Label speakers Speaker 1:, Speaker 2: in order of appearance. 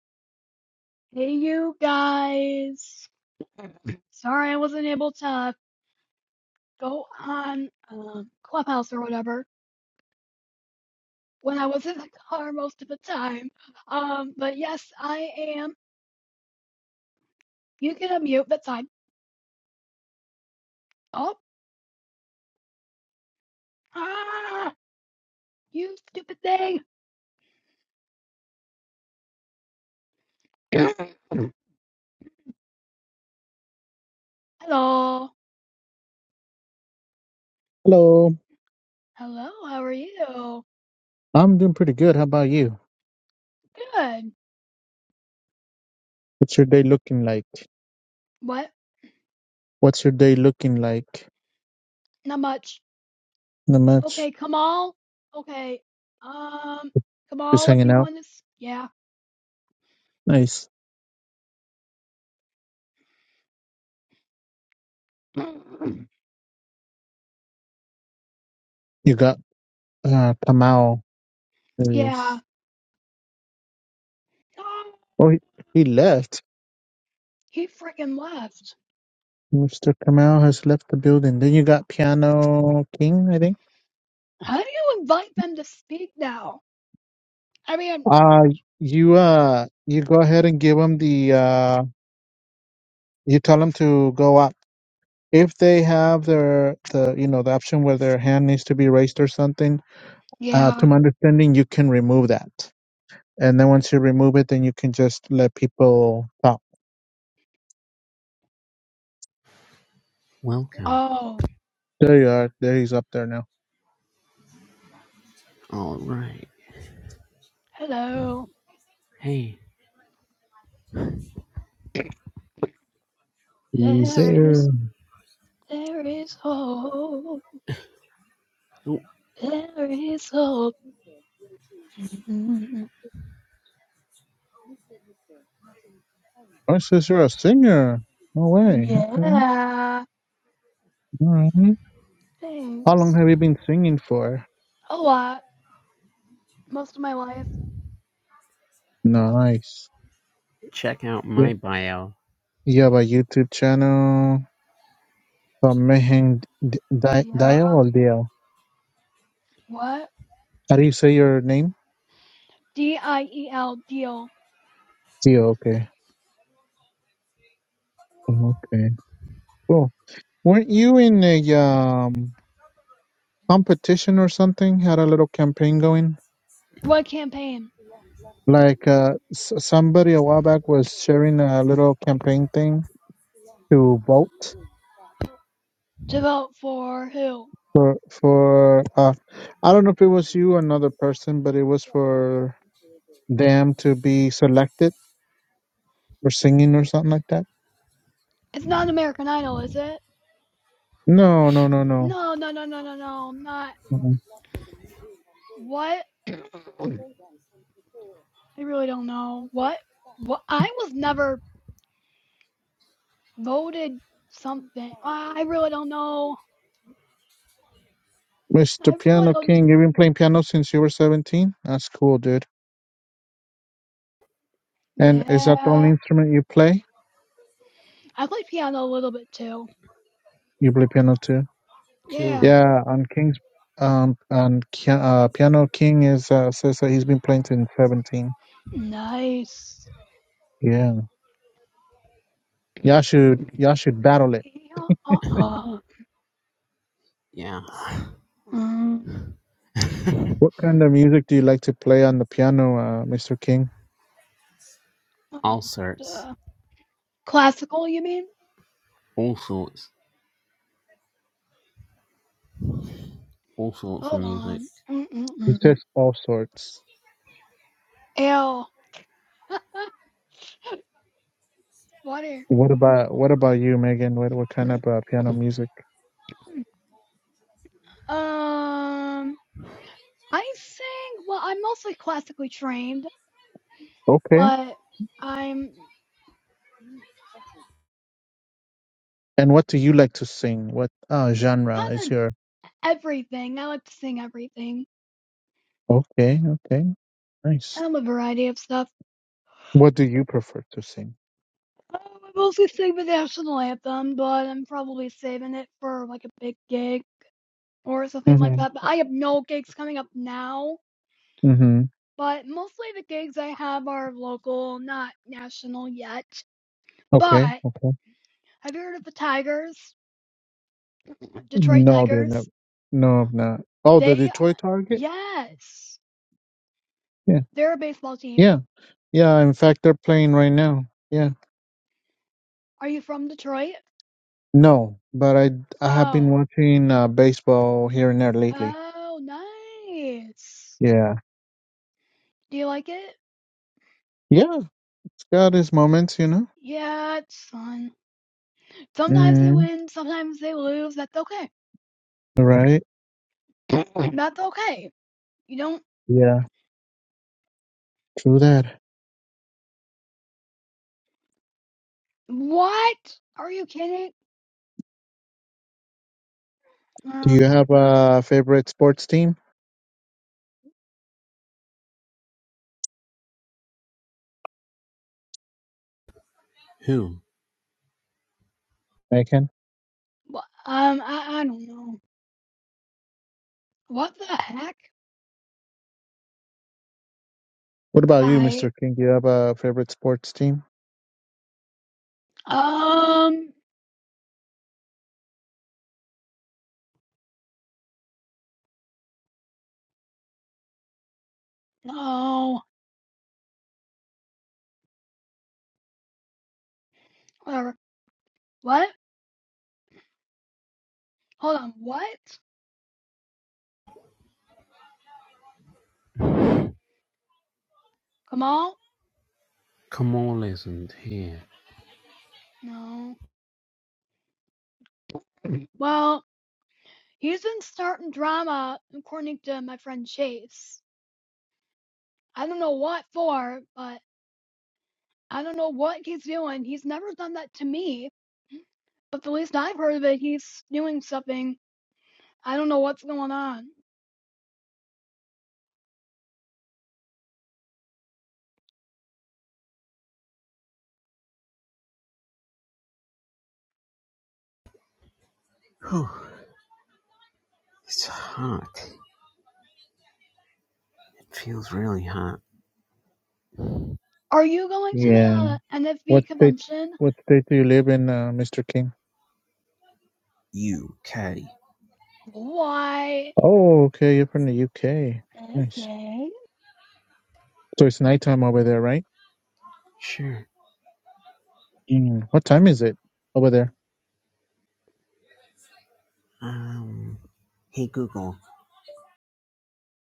Speaker 1: Hey, you guys. Sorry I wasn't able to go on um, Clubhouse or whatever when I was in the car most of the time. Um, but yes, I am. You can unmute. That's fine. Oh, ah, you stupid thing. Hello.
Speaker 2: Hello,
Speaker 1: Hello. How are you?
Speaker 2: I'm doing pretty good. How about you?
Speaker 1: Good.
Speaker 2: What's your day looking like?
Speaker 1: What?
Speaker 2: What's your day looking like?
Speaker 1: Not much.
Speaker 2: Not much.
Speaker 1: Okay, Kamal. Okay. Um,
Speaker 2: Just
Speaker 1: Kamal, if
Speaker 2: hanging
Speaker 1: you
Speaker 2: out.
Speaker 1: want to, s- yeah.
Speaker 2: Nice. You got uh Kamau
Speaker 1: yeah.
Speaker 2: is
Speaker 1: Oh,
Speaker 2: oh he, he left.
Speaker 1: He freaking left.
Speaker 2: Mr. Kamau has left the building. Then you got Piano King, I think.
Speaker 1: How do you invite them to speak now? I mean,
Speaker 2: Uh you uh you go ahead and give them the uh you tell them to go up. If they have their the you know the option where their hand needs to be raised or something, uh to
Speaker 1: yeah.
Speaker 2: my understanding you can remove that. And then once you remove it, then you can just let people talk.
Speaker 3: Welcome.
Speaker 1: Oh,
Speaker 2: There you are. There he's up there now.
Speaker 3: All right.
Speaker 1: hello.
Speaker 3: Hey,
Speaker 2: He's
Speaker 1: There
Speaker 3: let's
Speaker 1: is,
Speaker 2: there.
Speaker 1: there is hope.
Speaker 3: oh,
Speaker 1: There is hope. Mhm.
Speaker 2: Oh, says you're a singer. No way. Okay.
Speaker 1: yeah.
Speaker 2: All right. How long
Speaker 1: Thanks.
Speaker 2: have you been singing for?
Speaker 1: A lot. Most of my life.
Speaker 2: Nice.
Speaker 3: check out
Speaker 2: Yeah.
Speaker 3: my bio.
Speaker 2: You have a YouTube channel. Uh, Mehen D- Di- Dio
Speaker 1: Yup.
Speaker 2: or Dio?
Speaker 1: What?
Speaker 2: How do you say your name?
Speaker 1: D I E L deal.
Speaker 2: Dio. Okay. Okay. Cool. Weren't you in a um, competition or something? Had a little campaign going?
Speaker 1: What campaign?
Speaker 2: Like uh, s- somebody a while back was sharing a little campaign thing to vote
Speaker 1: To vote for who?
Speaker 2: for for uh, I don't know if it was you or another person, but it was for them to be selected for singing or something like that.
Speaker 1: It's not American Idol, is it?
Speaker 2: No, no, no, no.
Speaker 1: No, no, no, no, no, no. Not
Speaker 2: Mm-mm.
Speaker 1: what? I really don't know. What? What? I was never voted something. Ah, I really don't know. I
Speaker 2: Mr.
Speaker 1: really
Speaker 2: Piano
Speaker 1: don't.
Speaker 2: King, you've been playing piano since you were 17? That's cool, dude. And is that the only
Speaker 1: Yeah.
Speaker 2: instrument you play?
Speaker 1: I play piano a little bit too.
Speaker 2: You play piano too?
Speaker 1: Yeah.
Speaker 3: Cool.
Speaker 2: Yeah, on King's um on Ki- uh, Piano King is uh, says that he's been playing since 17.
Speaker 1: Nice.
Speaker 2: Yeah, y'all should y'all should battle it.
Speaker 1: Yeah. Uh-uh.
Speaker 3: Yeah.
Speaker 1: Mm,
Speaker 2: What kind of music do you like to play on the piano, uh, Mr. King?
Speaker 3: all sorts.
Speaker 1: uh, classical, you mean?
Speaker 3: All sorts. All sorts of
Speaker 1: Hold
Speaker 3: music.
Speaker 1: on.
Speaker 2: He
Speaker 1: Mm-mm-mm.
Speaker 2: says all sorts.
Speaker 1: Ew. Water.
Speaker 2: What about what about you, Megan? What what kind of uh, piano music?
Speaker 1: um, I sing. Well, I'm mostly classically trained,
Speaker 2: Okay.
Speaker 1: but I'm
Speaker 2: And what do you like to sing? What uh, genre
Speaker 1: kind
Speaker 2: is
Speaker 1: of
Speaker 2: your?
Speaker 1: Everything. I like to sing everything.
Speaker 2: Okay, okay, nice.
Speaker 1: Kind of a variety of stuff.
Speaker 2: What do you prefer to sing?
Speaker 1: Um, I mostly sing the national anthem, but I'm probably saving it for like a big gig or something like
Speaker 2: Mm-hmm.
Speaker 1: that. But I have no gigs coming up now.
Speaker 2: Mm-hmm.
Speaker 1: But mostly the gigs I have are local, not national yet. But
Speaker 2: Okay, okay.
Speaker 1: have you heard of the Tigers? Detroit
Speaker 2: No, they're not.
Speaker 1: Tigers?
Speaker 2: No, I'm not. Oh, the
Speaker 1: They,
Speaker 2: Detroit Target.
Speaker 1: yes,
Speaker 2: Yeah,
Speaker 1: they're a baseball team.
Speaker 2: yeah, yeah. In fact, they're playing right now. Yeah.
Speaker 1: Are you from Detroit?
Speaker 2: No, but I I have been
Speaker 1: Oh,
Speaker 2: watching uh, baseball here and there lately.
Speaker 1: oh, nice.
Speaker 2: Yeah,
Speaker 1: Do you like it?
Speaker 2: yeah, it's got its moments, you know.
Speaker 1: Yeah, it's fun. Sometimes they
Speaker 2: Mm,
Speaker 1: win, sometimes they lose. That's okay.
Speaker 2: right.
Speaker 1: That's okay. You don't.
Speaker 2: Yeah, true that.
Speaker 1: What? Are you kidding?
Speaker 2: Do
Speaker 1: Uh,
Speaker 2: you have a favorite sports team,
Speaker 3: Who?
Speaker 2: Megan?
Speaker 1: wh- um, I, I don't know. What the heck?
Speaker 2: What about you,
Speaker 1: Hi.
Speaker 2: Mister King? Do you have a favorite sports team?
Speaker 1: Um, no. Whatever. What? Hold on. What? Kamal?
Speaker 3: Come on, isn't here.
Speaker 1: No. Well, he's been starting drama according to my friend Chase. I don't know what for, but I don't know what he's doing. He's never done that to me. But the least I've heard of it, he's doing something. I don't know what's going on.
Speaker 3: Whew. It's hot. It feels really hot.
Speaker 1: Are you going to
Speaker 2: Yeah.
Speaker 1: the
Speaker 2: What
Speaker 1: NFB
Speaker 2: state?
Speaker 1: convention?
Speaker 2: What state do you live in, uh, Mister King?
Speaker 3: You, Caddy.
Speaker 1: Why?
Speaker 2: Oh, okay, you're from the UK. Nice.
Speaker 1: Okay.
Speaker 2: So it's nighttime over there, right?
Speaker 3: Sure.
Speaker 2: Mm. What time is it over there?
Speaker 3: Um. Hey, Google.